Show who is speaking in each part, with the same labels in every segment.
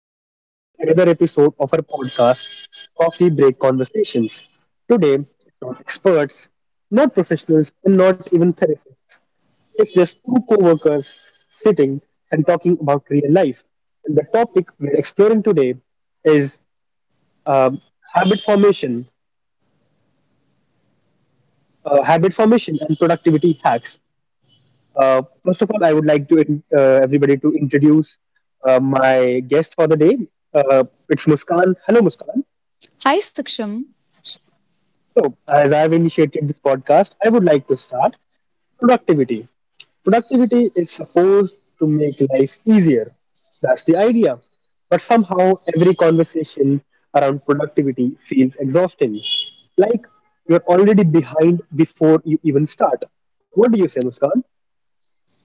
Speaker 1: Welcome back to another episode of our podcast, Coffee Break Conversations. Today, it's not experts, not professionals, and not even therapists. It's just two co workers sitting and talking about real life. And the topic we're exploring today is um, habit formation, habit formation and productivity hacks. First of all, I would like to everybody to introduce my guest for the day. Uh, it's Muskan. Hello, Muskan.
Speaker 2: Hi, Saksham.
Speaker 1: So, as I've initiated this podcast, I would like to start productivity. Productivity is supposed to make life easier. That's the idea. But somehow, every conversation around productivity feels exhausting. Like you're already behind before you even start. What do you say, Muskan?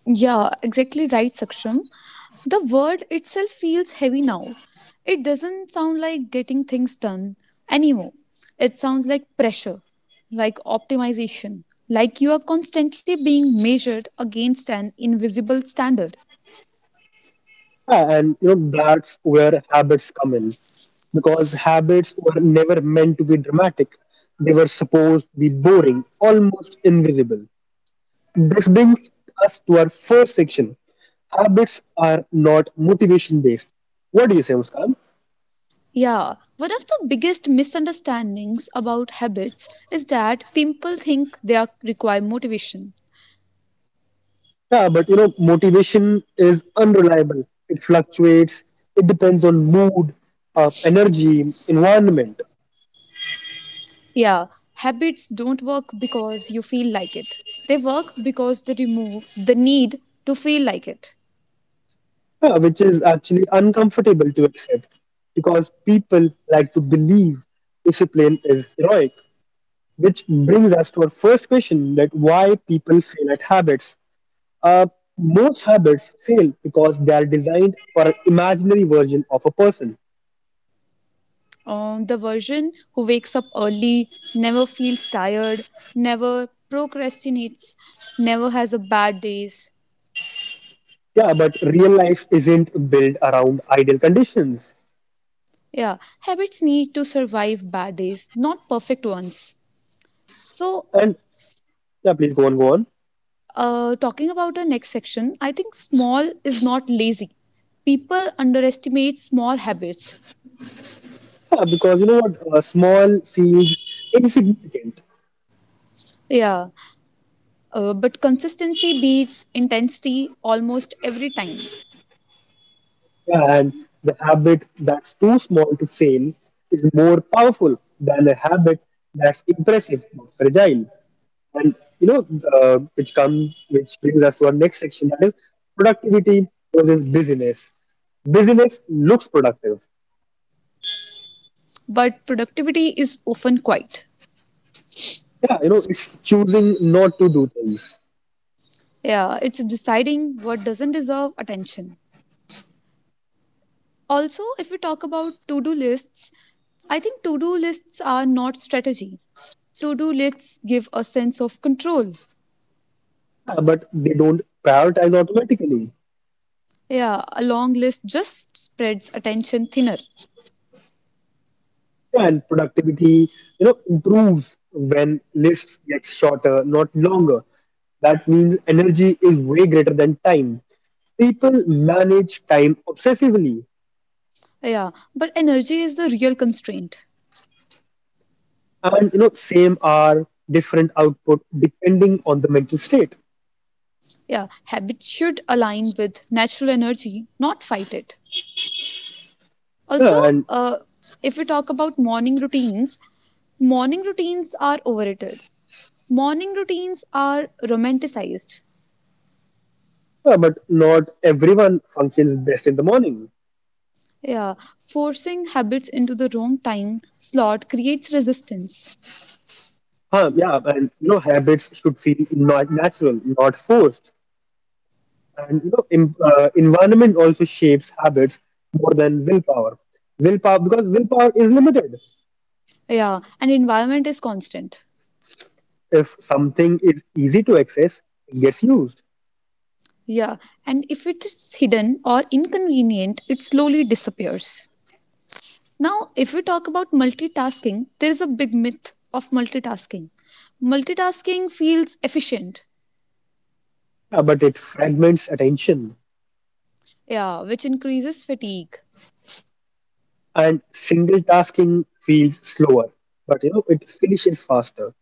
Speaker 2: Yeah, exactly right, Saksham. The word itself feels heavy now. It doesn't sound like getting things done anymore. It sounds like pressure, like optimization, like you are constantly being measured against an invisible standard.
Speaker 1: Yeah, and you know that's where habits come in, because habits were never meant to be dramatic. They were supposed to be boring, almost invisible. This brings us to our first section. Habits are not motivation based. What do you say, Muskan?
Speaker 2: Yeah, one of the biggest misunderstandings about habits is that people think require motivation.
Speaker 1: Yeah, but you know, motivation is unreliable. It fluctuates. It depends on mood, energy, environment.
Speaker 2: Yeah, habits don't work because you feel like it. They work because they remove the need to feel like it.
Speaker 1: Yeah, which is actually uncomfortable to accept, because people like to believe discipline is heroic. Which brings us to our first question: that why people fail at habits. Uh, Most habits fail because they are designed for an imaginary version of a person.
Speaker 2: The version who wakes up early, never feels tired, never procrastinates, never has a bad days.
Speaker 1: Yeah, but real life isn't built around ideal conditions.
Speaker 2: Yeah, habits need to survive bad days, not perfect ones. So,
Speaker 1: And
Speaker 2: s-
Speaker 1: yeah, please go on, go on.
Speaker 2: talking about the next section, I think small is not lazy. People underestimate small habits.
Speaker 1: Yeah, because you know what? Small feels insignificant.
Speaker 2: Yeah, but consistency beats intensity almost every time.
Speaker 1: Yeah, and the habit that's too small to fail is more powerful than a habit that's impressive but fragile. And you know, which comes, which brings us to our next section, that is productivity versus busyness. Busyness looks productive.
Speaker 2: But productivity is often quiet.
Speaker 1: Yeah, you know, it's choosing not to do things.
Speaker 2: Yeah, it's deciding what doesn't deserve attention. Also, if we talk about to do lists, I think to do lists are not strategy. To do lists give a sense of control.
Speaker 1: Yeah, but they don't prioritize automatically.
Speaker 2: Yeah, a long list just spreads attention thinner.
Speaker 1: Yeah, and productivity, you know, improves when lists get shorter, not longer. That means energy is way greater than time. People manage time obsessively.
Speaker 2: Yeah, but energy is the real constraint.
Speaker 1: And you know, same are different output depending on the mental state.
Speaker 2: Yeah, habits should align with natural energy, not fight it. Also,
Speaker 1: And
Speaker 2: uh, if we talk about morning routines are overrated. Morning routines are romanticized.
Speaker 1: but not everyone functions best in the morning.
Speaker 2: Yeah, forcing habits into the wrong time slot creates resistance.
Speaker 1: Huh, yeah, and you know, habits should feel not natural, not forced. And you know, environment also shapes habits more than willpower. Willpower, because willpower is limited.
Speaker 2: Yeah, and environment is constant.
Speaker 1: If something is easy to access, it gets used.
Speaker 2: Yeah, and if it is hidden or inconvenient, it slowly disappears. Now, if we talk about multitasking, there is a big myth of multitasking. Multitasking feels efficient.
Speaker 1: Yeah, but it fragments attention.
Speaker 2: Yeah, which increases fatigue.
Speaker 1: And single tasking feels slower, but you know, it finishes faster.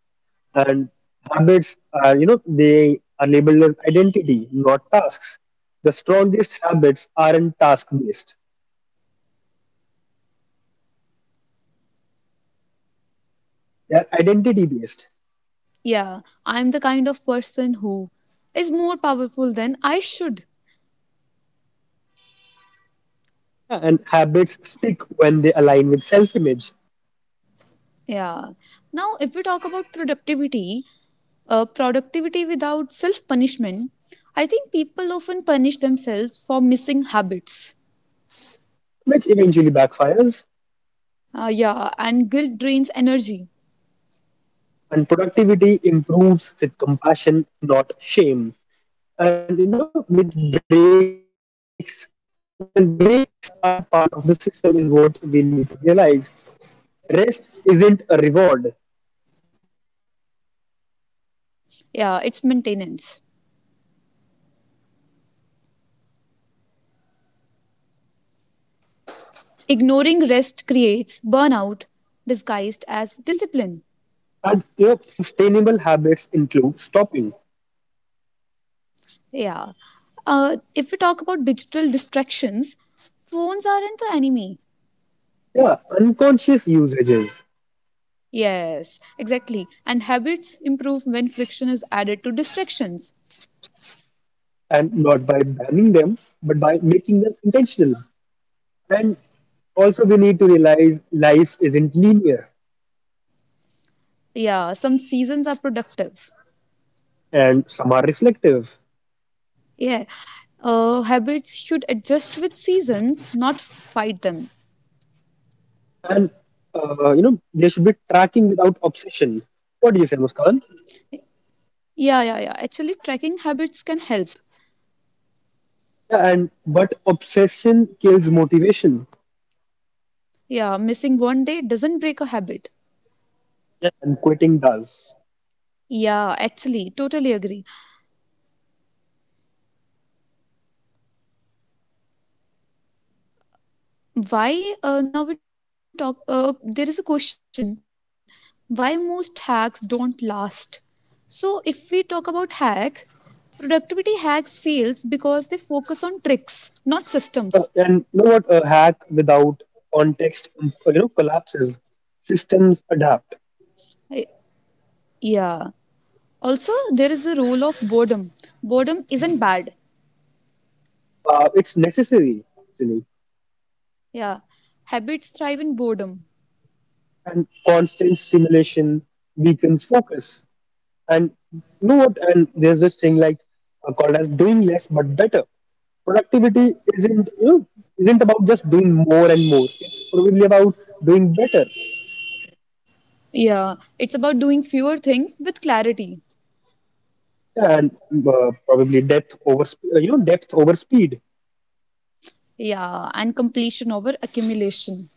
Speaker 1: And habits are, you know, they are labeled as identity, not tasks. The strongest habits aren't task based, they are identity based.
Speaker 2: Yeah, I'm the kind of person who is more powerful than I should.
Speaker 1: Yeah, and habits stick when they align with self image,
Speaker 2: Yeah. Now, if we talk about productivity, productivity without self punishment, I think people often punish themselves for missing habits.
Speaker 1: which eventually backfires.
Speaker 2: Yeah, and guilt drains energy.
Speaker 1: And productivity improves with compassion, not shame. And you know, with breaks, you know, and breaks are a part of the system, is what we need to realize. Rest isn't a reward,
Speaker 2: Yeah, it's maintenance. Ignoring rest creates burnout disguised as discipline.
Speaker 1: and your sustainable habits include stopping.
Speaker 2: Yeah. If we talk about digital distractions, phones aren't the enemy.
Speaker 1: Yeah, unconscious usages,
Speaker 2: Yes, exactly. And habits improve when friction is added to distractions.
Speaker 1: and not by banning them, but by making them intentional. And also, we need to realize life isn't linear,
Speaker 2: Yeah, some seasons are productive.
Speaker 1: and some are reflective.
Speaker 2: Yeah. Habits should adjust with seasons, not fight them.
Speaker 1: And you know, they should be tracking without obsession. What do you say, Muskan?
Speaker 2: Yeah, yeah, yeah. Actually, tracking habits can help.
Speaker 1: Yeah, and but obsession kills motivation,
Speaker 2: Yeah, missing one day doesn't break a habit.
Speaker 1: and quitting does.
Speaker 2: Yeah, actually, totally agree. Why now we talk? There is a question: why most hacks don't last? So if we talk about hacks, productivity hacks fails because they focus on tricks, not systems.
Speaker 1: And you know what? A hack without context, you know, collapses. Systems adapt.
Speaker 2: I- yeah. Also, there is the role of boredom. Boredom isn't bad.
Speaker 1: It's necessary, actually.
Speaker 2: Yeah. Habits thrive in boredom.
Speaker 1: And constant simulation weakens focus. And you know what? And there's this thing like called as doing less but better. Productivity isn't, you know, isn't about just doing more and more. It's probably about doing better.
Speaker 2: Yeah. It's about doing fewer things with clarity.
Speaker 1: And probably depth over you know, depth over speed.
Speaker 2: Yeah. And completion over accumulation.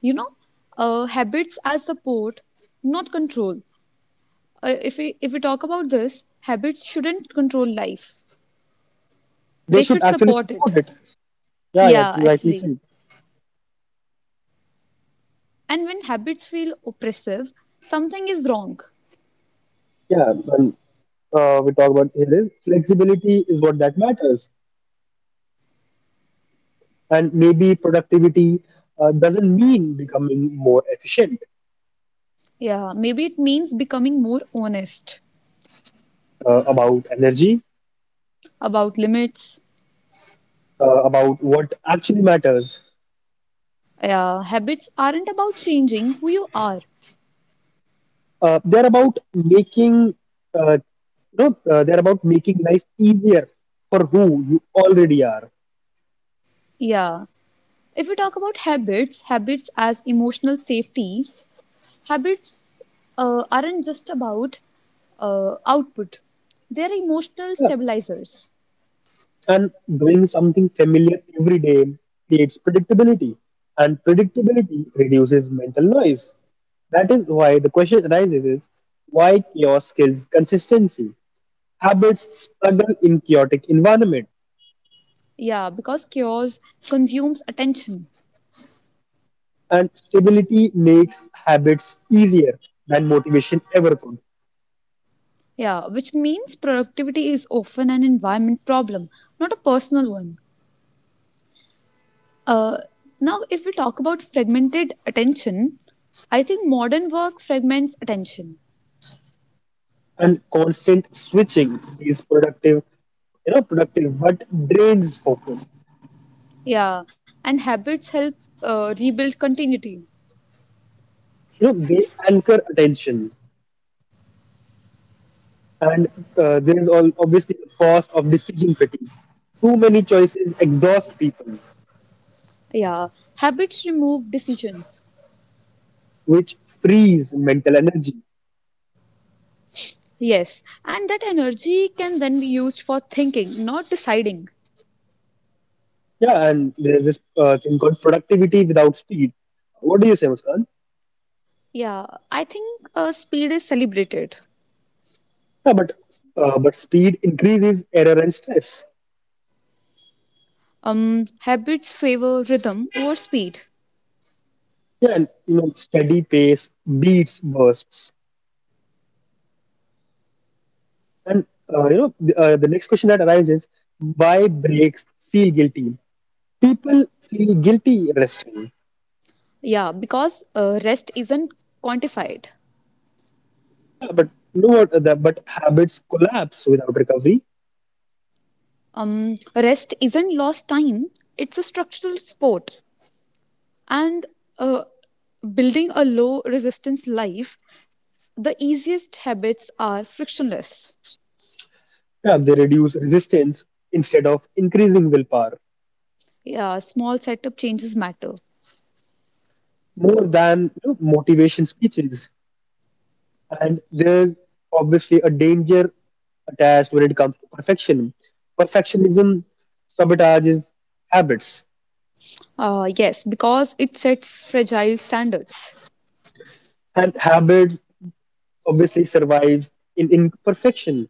Speaker 2: You know habits as support, not control. If we talk about this, habits shouldn't control life,
Speaker 1: They
Speaker 2: they
Speaker 1: should
Speaker 2: should
Speaker 1: actually
Speaker 2: support
Speaker 1: support
Speaker 2: it.
Speaker 1: it. Yeah, yeah,
Speaker 2: Yeah,
Speaker 1: rightly said.
Speaker 2: actually. And when habits feel oppressive, something is wrong.
Speaker 1: Yeah, well, we talk about here is flexibility is what that matters, and maybe productivity doesn't mean becoming more efficient,
Speaker 2: Yeah, maybe it means becoming more honest
Speaker 1: about energy,
Speaker 2: about limits.
Speaker 1: about what actually matters.
Speaker 2: Yeah, habits aren't about changing who you are.
Speaker 1: They're about making, uh, they're about making life easier for who you already are.
Speaker 2: Yeah, if we talk about habits, habits as emotional safety. Habits aren't just about output, they're emotional
Speaker 1: Yeah.
Speaker 2: stabilizers.
Speaker 1: And doing something familiar every day creates predictability, and predictability reduces mental noise. That is why the question arises is, why chaos kills consistency. Habits struggle in chaotic environment,
Speaker 2: Yeah, because chaos consumes attention.
Speaker 1: and stability makes habits easier than motivation ever could.
Speaker 2: Yeah, which means productivity is often an environment problem, not a personal one. Uh, now, if we talk about fragmented attention, I think modern work fragments attention.
Speaker 1: And constant switching is productive, you know, productive, but drains focus.
Speaker 2: Yeah, and habits help rebuild continuity.
Speaker 1: You know, they anchor attention. And there is all obviously the cost of decision fatigue. Too many choices exhaust people,
Speaker 2: Yeah, habits remove decisions.
Speaker 1: which frees mental energy.
Speaker 2: Yes, and that energy can then be used for thinking, not deciding.
Speaker 1: Yeah, and there is this thing called productivity without speed. What do you say, Muskan?
Speaker 2: Yeah, I think speed is celebrated.
Speaker 1: Yeah, but but speed increases error and stress.
Speaker 2: Habits favor rhythm over speed.
Speaker 1: Yeah, and you know, steady pace beats bursts. And you know, the next question that arrives is, why breaks feel guilty? People feel guilty resting.
Speaker 2: Yeah, because rest isn't quantified.
Speaker 1: But you know what? But habits collapse without recovery.
Speaker 2: Rest isn't lost time. It's a structural sport, and uh, building a low resistance life, the easiest habits are frictionless.
Speaker 1: Yeah, they reduce resistance instead of increasing willpower
Speaker 2: Yeah, small setup changes matter.
Speaker 1: more than, you know, motivation speeches. And there's obviously a danger attached when it comes to perfection. Perfectionism sabotages habits,
Speaker 2: Yes, because it sets fragile standards.
Speaker 1: and habits obviously survives in imperfection.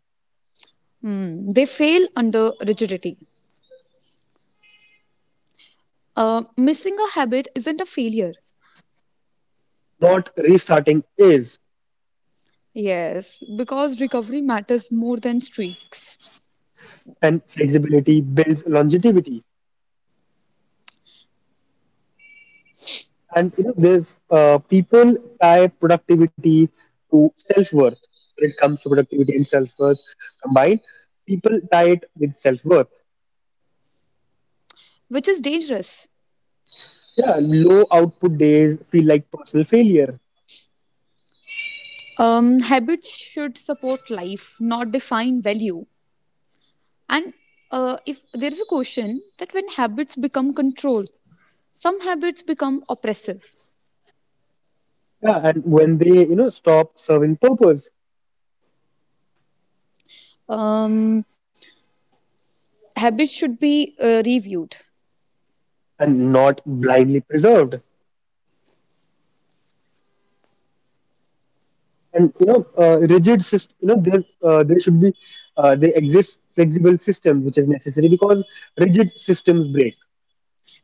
Speaker 2: Mm, they fail under rigidity. Missing a habit isn't a failure.
Speaker 1: Not restarting is,
Speaker 2: Yes, because recovery matters more than streaks,
Speaker 1: and flexibility builds longevity. And you know, there's people tie productivity to self-worth. When it comes to productivity and self-worth combined, people tie it with self-worth.
Speaker 2: which is dangerous.
Speaker 1: Yeah, low output days feel like personal failure.
Speaker 2: Habits should support life, not define value. And if there is a question that when habits become control, some habits become oppressive.
Speaker 1: Yeah, and when they, you know, stop serving purpose
Speaker 2: Um, habits should be reviewed.
Speaker 1: and not blindly preserved. And you know, rigid system. You know, there should be they exist flexible system, which is necessary because rigid systems break.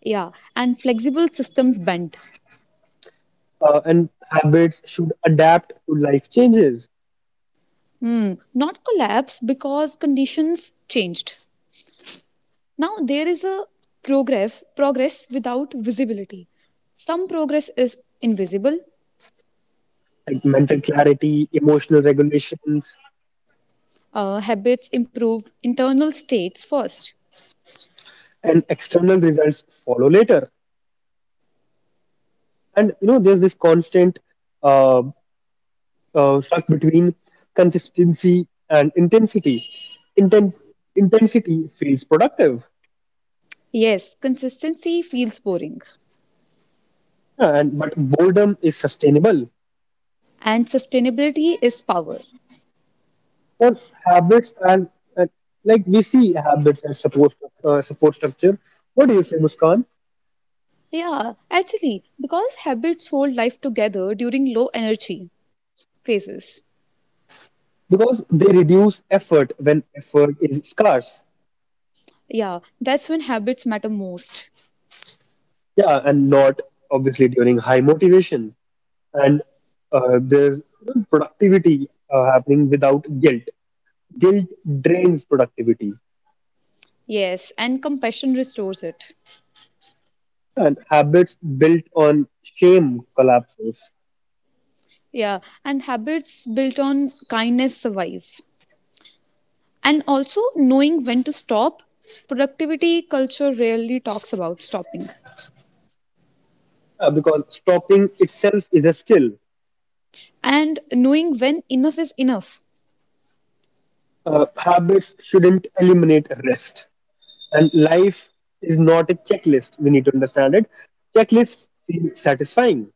Speaker 2: Yeah, and flexible systems bend.
Speaker 1: And habits should adapt to life changes
Speaker 2: Hmm, not collapse because conditions changed. Now there is a progress without visibility. Some progress is invisible.
Speaker 1: like mental clarity, emotional regulations,
Speaker 2: Habits improve internal states first.
Speaker 1: and external results follow later. And you know, there's this constant uh, stuck between consistency and intensity. Intense intensity feels productive.
Speaker 2: Yes, consistency feels boring,
Speaker 1: Yeah, and but boredom is sustainable.
Speaker 2: and sustainability is power.
Speaker 1: For habits as, uh, like we see habits as support, support structure. What do you say, Muskan?
Speaker 2: Yeah, actually, because habits hold life together during low energy phases.
Speaker 1: Because they reduce effort when effort is scarce.
Speaker 2: Yeah, that's when habits matter most.
Speaker 1: Yeah, and not obviously during high motivation. And there's, you know, productivity happening without guilt. Guilt drains productivity,
Speaker 2: Yes, and compassion restores it.
Speaker 1: and habits built on shame collapses.
Speaker 2: Yeah, and habits built on kindness survive. And also knowing when to stop. Productivity culture rarely talks about stopping
Speaker 1: Because stopping itself is a skill.
Speaker 2: and knowing when enough is enough.
Speaker 1: Habits shouldn't eliminate rest, and life is not a checklist. We need to understand it. Checklists seem satisfying,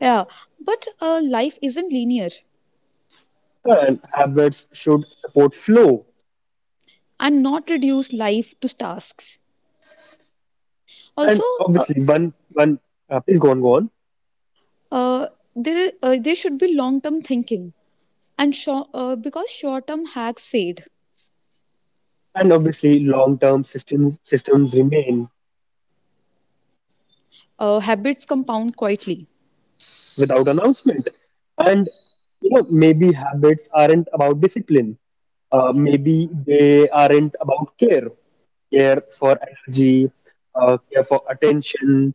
Speaker 2: Yeah, but life isn't linear
Speaker 1: and habits should support flow.
Speaker 2: and not reduce life to tasks. Also,
Speaker 1: And
Speaker 2: uh,
Speaker 1: obviously, one one please go on, go on.
Speaker 2: uh, there, there should be long term thinking and short, because short term hacks fade,
Speaker 1: And obviously, long-term systems remain
Speaker 2: habits compound quietly.
Speaker 1: without announcement. And you know, maybe habits aren't about discipline. Maybe they aren't about care, care for energy, care for attention,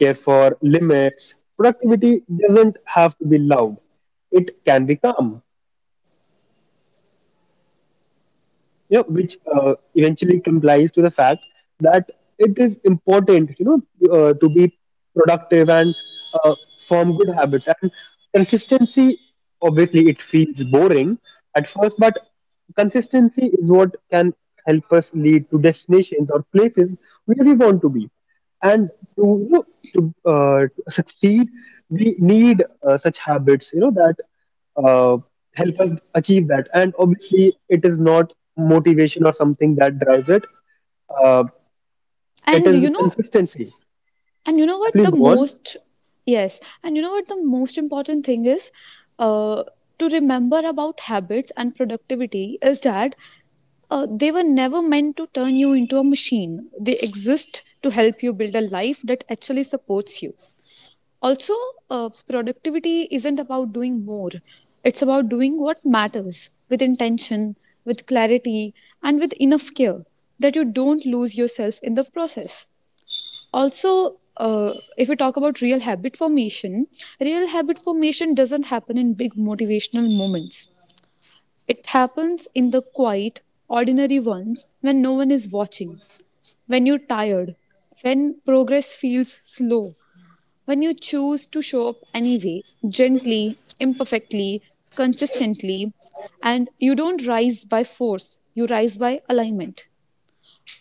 Speaker 1: care for limits. Productivity doesn't have to be loud. It can be calm. You know, which eventually complies to the fact that it is important, you know, to be productive and form good habits. And consistency, obviously, it feels boring at first, but consistency is what can help us lead to destinations or places where we want to be. And to you know, to succeed, we need such habits, you know, that uh, help us achieve that. And obviously, it is not motivation or something that drives it. Uh, it
Speaker 2: And
Speaker 1: is
Speaker 2: you know,
Speaker 1: consistency.
Speaker 2: And you know what
Speaker 1: Please
Speaker 2: the
Speaker 1: go on.
Speaker 2: most, yes, and you know what the most important thing is uh, to remember about habits and productivity is that they were never meant to turn you into a machine. They exist to help you build a life that actually supports you. Also, productivity isn't about doing more, it's about doing what matters with intention, with clarity, and with enough care that you don't lose yourself in the process. Also, if we talk about real habit formation doesn't happen in big motivational moments. It happens in the quiet, ordinary ones when no one is watching, when you're tired, when progress feels slow, when you choose to show up anyway, gently, imperfectly, consistently, and you don't rise by force, you rise by alignment.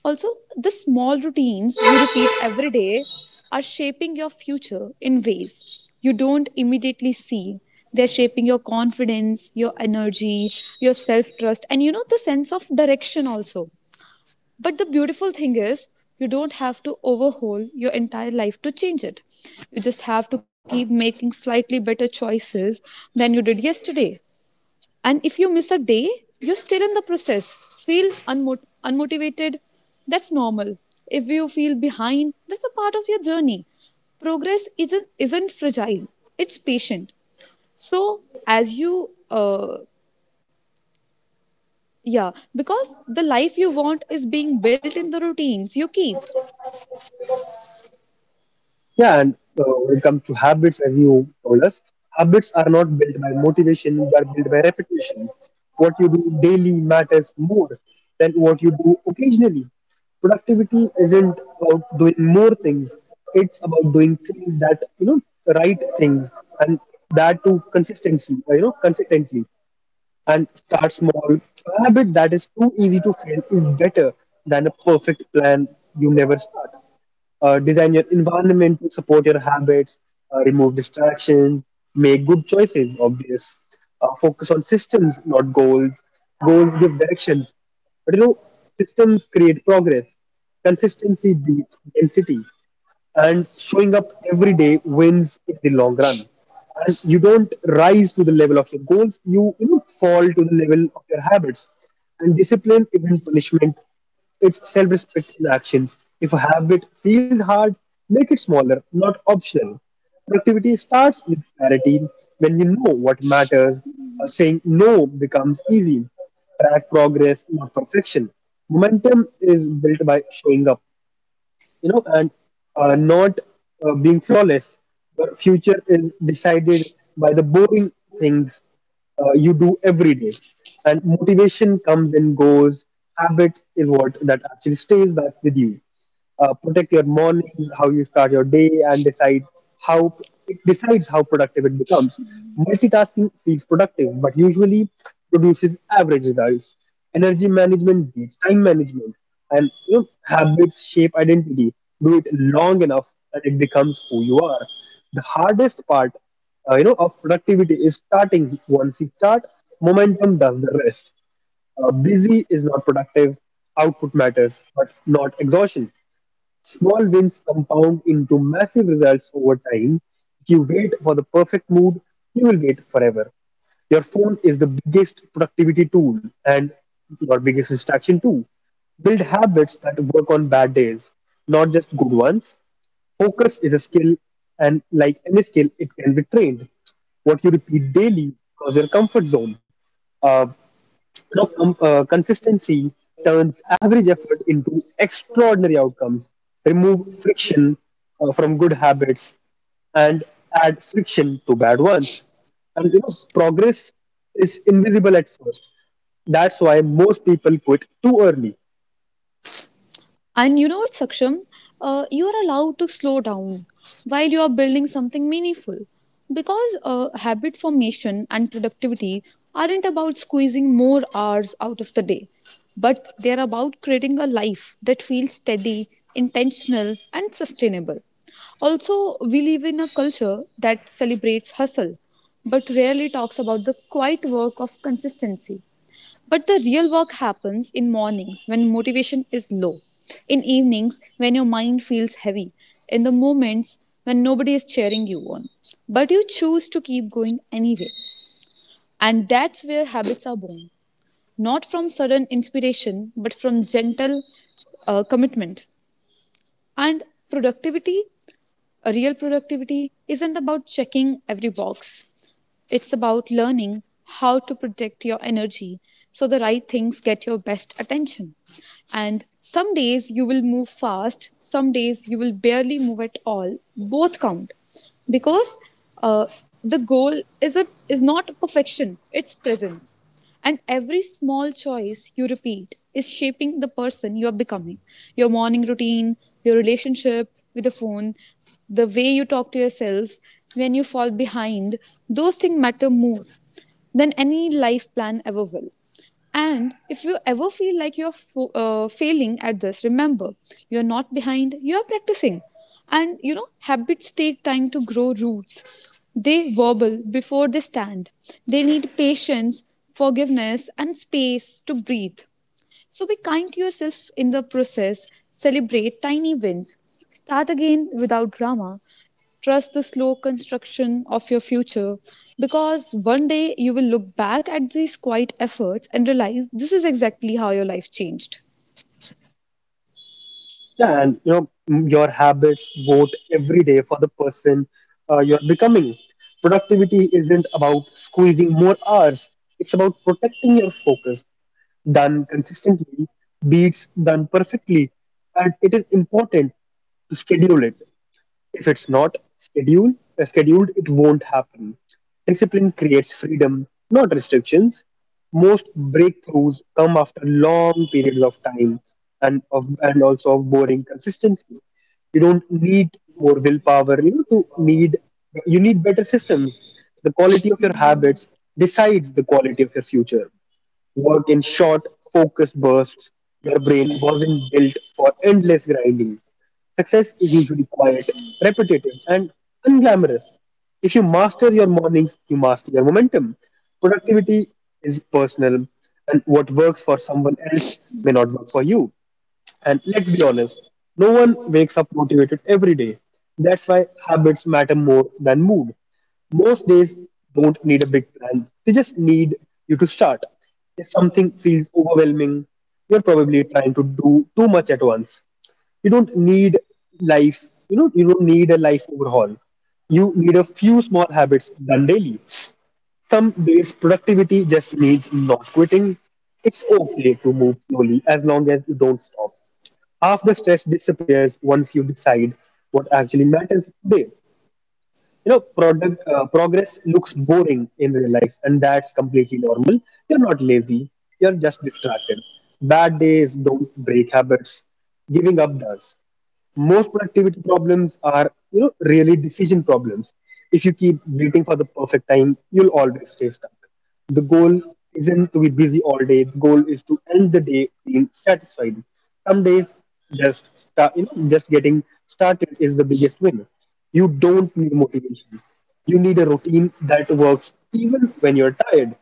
Speaker 2: Also, the small routines you repeat every day are shaping your future in ways you don't immediately see. They're shaping your confidence, your energy, your self trust, and you know, the sense of direction also. But the beautiful thing is, you don't have to overhaul your entire life to change it. You just have to keep making slightly better choices than you did yesterday. And if you miss a day, you're still in the process. Feel unmotivated, that's normal. If you feel behind, that's a part of your journey. Progress isn't fragile, it's patient. So, as you, uh, yeah, because the life you want is being built in the routines you keep.
Speaker 1: Yeah, and when it comes to habits, as you told us, habits are not built by motivation; they are built by repetition. What you do daily matters more than what you do occasionally. Productivity isn't about doing more things; it's about doing things that, you know, the right things, and that to consistency. You know, consistently and start small. A habit that is too easy to fail is better than a perfect plan you never start. Design your environment to support your habits, remove distractions, make good choices, obvious. Focus on systems, not goals. Goals give directions. But you know, systems create progress. Consistency beats density, and showing up every day wins in the long run. And you don't rise to the level of your goals, you know, fall to the level of your habits. And discipline isn't punishment, it's self-respect in actions. If a habit feels hard, make it smaller, not optional. Productivity starts with clarity. When you know what matters, saying no becomes easy. Track progress, not perfection. Momentum is built by showing up, you know, and not being flawless. But future is decided by the boring things you do every day. And motivation comes and goes. Habit is what that actually stays back with you. Protect your mornings, how you start your day, and decide how it decides how productive it becomes. Multitasking feels productive, but usually produces average results. Energy management beats time management. And you know, habits shape identity. Do it long enough that it becomes who you are. The hardest part, you know, of productivity is starting. Once you start, momentum does the rest. Busy is not productive. Output matters but not exhaustion. Small wins compound into massive results over time. If you wait for the perfect mood, you will wait forever. Your phone is the biggest productivity tool and your biggest distraction too. Build habits that work on bad days, not just good ones. Focus is a skill, and like any skill, it can be trained. What you repeat daily becomes your comfort zone. uh, now, consistency turns average effort into extraordinary outcomes. Remove friction from good habits and add friction to bad ones. And you know, progress is invisible at first. That's why most people quit too early.
Speaker 2: And you know what, Saksham? You are allowed to slow down while you are building something meaningful. Because habit formation and productivity aren't about squeezing more hours out of the day, but they're about creating a life that feels steady, intentional, and sustainable. Also, we live in a culture that celebrates hustle, but rarely talks about the quiet work of consistency, but the real work happens in mornings when motivation is low, in evenings when your mind feels heavy, in the moments when nobody is cheering you on. But you choose to keep going anyway. And that's where habits are born. Not from sudden inspiration, but from gentle commitment. And productivity a real productivity isn't about checking every box. It's about learning how to protect your energy so the right things get your best attention. And some days you will move fast, some days you will barely move at all. Both count because uh, the goal is is not perfection; it's presence. And every small choice you repeat is shaping the person you are becoming. Your morning routine, your relationship with the phone, the way you talk to yourself when you fall behind, those things matter more than any life plan ever will. And if you ever feel like you're failing at this, remember you're not behind, you're practicing. And you know, habits take time to grow roots. They wobble before they stand. They need patience, forgiveness, and space to breathe. So be kind to yourself in the process, celebrate tiny wins, start again without drama, trust the slow construction of your future because one day you will look back at these quiet efforts and realize this is exactly how your life changed.
Speaker 1: Yeah, and your habits vote every day for the person you're becoming. Productivity isn't about squeezing more hours; it's about protecting your focus. Done consistently beats done perfectly, and it is important to schedule it. If it's not scheduled, it won't happen. Discipline creates freedom, not restrictions. Most breakthroughs come after long periods of time and also of boring consistency. You don't need more willpower. You need better systems. The quality of your habits decides the quality of your future worked in short, focused bursts. Your brain wasn't built for endless grinding. Success is usually quiet, repetitive, and unglamorous. If you master your mornings, you master your momentum. Productivity is personal, and what works for someone else may not work for you. And let's be honest, no one wakes up motivated every day. That's why habits matter more than mood. Most days don't need a big plan, they just need you to start. If something feels overwhelming, you're probably trying to do too much at once. You don't need you don't need a life overhaul. You need a few small habits done daily. Some days productivity just means not quitting. It's okay to move slowly as long as you don't stop. Half the stress disappears once you decide what actually matters today. You know product Progress looks boring in real life, and that's completely normal. You're not lazy, you're just distracted. Bad days don't break habits, giving up does. Most productivity problems are, you know, really decision problems. If you keep waiting for the perfect time, you'll always stay stuck. The goal isn't to be busy all day, the goal is to end the day being satisfied. Some days just start, you know, just getting started is the biggest win. You don't need motivation, you need a routine that works even when you're tired.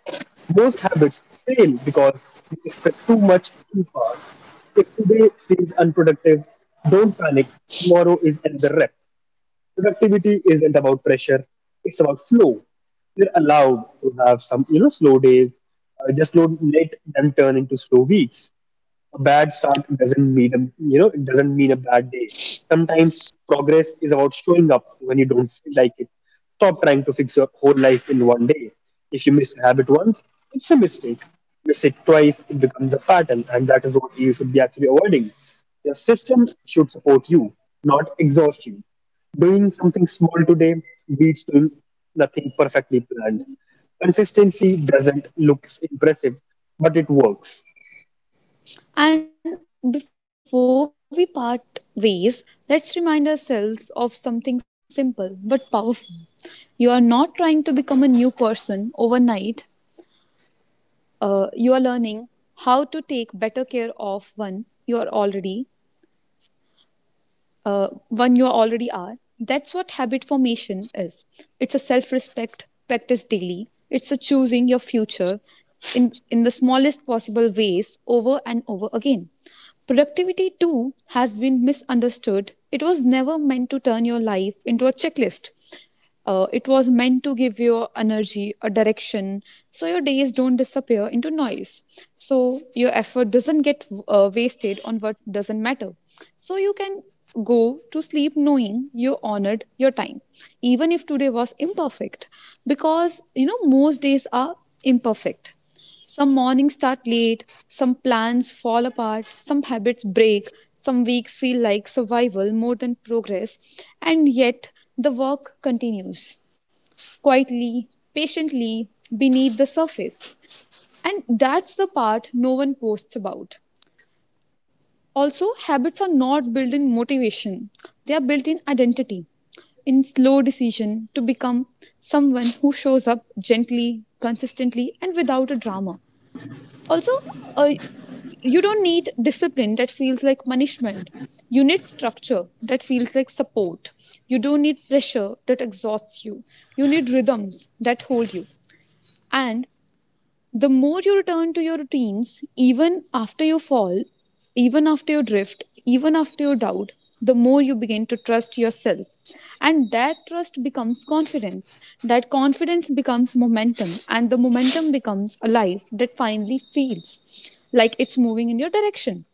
Speaker 1: Most habits fail because we expect too much too fast. If today feels unproductive, don't panic. Tomorrow is another rep. Productivity isn't about pressure, it's about flow. You're allowed to have some, you know, slow days. Just don't let them turn into slow weeks. A bad start doesn't mean a, you know it doesn't mean a bad day. Sometimes progress is about showing up when you don't feel like it. Stop trying to fix your whole life in one day. If you miss a habit once, it's a mistake. Miss it twice, it becomes a pattern, and that is what you should be actually avoiding. Your system should support you, not exhaust you. Doing something small today beats doing nothing perfectly planned. Consistency doesn't look impressive, but it works.
Speaker 2: And before we part ways, let's remind ourselves of something simple but powerful. You are not trying to become a new person overnight. Uh, you are learning how to take better care of one you already are. That's what habit formation is. It's a self-respect practice daily. It's a choosing your future in the smallest possible ways, over and over again. Productivity too has been misunderstood. It was never meant to turn your life into a checklist. It was meant to give you energy, a direction, so your days don't disappear into noise. So your effort doesn't get wasted on what doesn't matter. So you can go to sleep knowing you honored your time, even if today was imperfect, because you know most days are imperfect. Some mornings start late, some plans fall apart, some habits break, some weeks feel like survival more than progress, and yet the work continues quietly, patiently, beneath the surface. And that's the part no one posts about. Also, habits are not built in motivation, they are built in identity, in slow decision to become someone who shows up gently, consistently, and without a drama. Also, uh, you don't need discipline that feels like punishment. You need structure that feels like support. You don't need pressure that exhausts you. You need rhythms that hold you. And the more you return to your routines, even after you fall, even after you drift, even after you doubt, the more you begin to trust yourself. And that trust becomes confidence. That confidence becomes momentum. And the momentum becomes a life that finally feels like it's moving in your direction.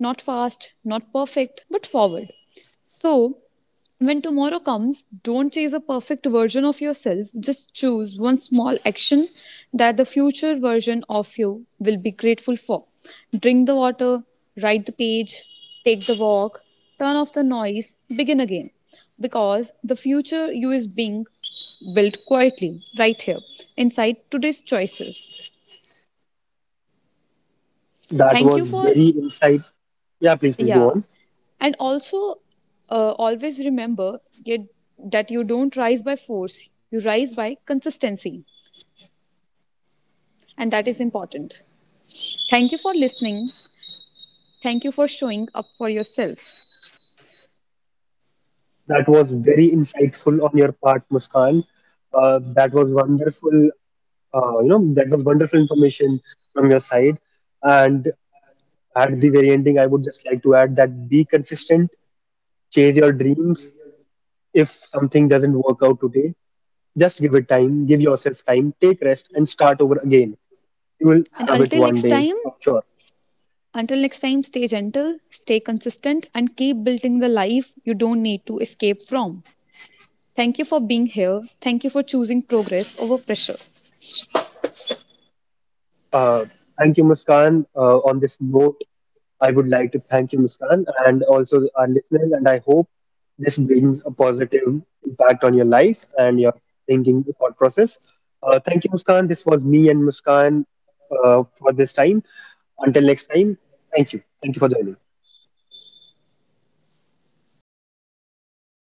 Speaker 2: Not fast, not perfect, but forward. So, when tomorrow comes, don't chase a perfect version of yourself. Just choose one small action that the future version of you will be grateful for. Drink the water, write the page, take the walk, turn off the noise, begin again. Because the future you is being built quietly right here inside today's choices.
Speaker 1: That
Speaker 2: Thank
Speaker 1: was
Speaker 2: you for.
Speaker 1: very insight. Yeah, please, please go
Speaker 2: Yeah.
Speaker 1: on.
Speaker 2: And also, uh, always remember yet- that you don't rise by force, you rise by consistency. And that is important. Thank you for listening. Thank you for showing up for yourself.
Speaker 1: That was very insightful on your part, Muskan. That was wonderful. You know, that was wonderful information from your side. And at the very ending, I would just like to add that be consistent, chase your dreams. If something doesn't work out today, just give it time, give yourself time, take rest, and start over again. You will
Speaker 2: And
Speaker 1: have
Speaker 2: until
Speaker 1: it
Speaker 2: next
Speaker 1: one
Speaker 2: time,
Speaker 1: day, I'm sure.
Speaker 2: Until next time, stay gentle, stay consistent, and keep building the life you don't need to escape from. Thank you for being here. Thank you for choosing progress over pressure.
Speaker 1: Uh, Thank you, Muskan. On this note, I would like to thank you, Muskan, and also our listeners. And I hope this brings a positive impact on your life and your thinking thought process. Thank you, Muskan. This was me and Muskan for this time. Until next time, thank you. Thank you for joining.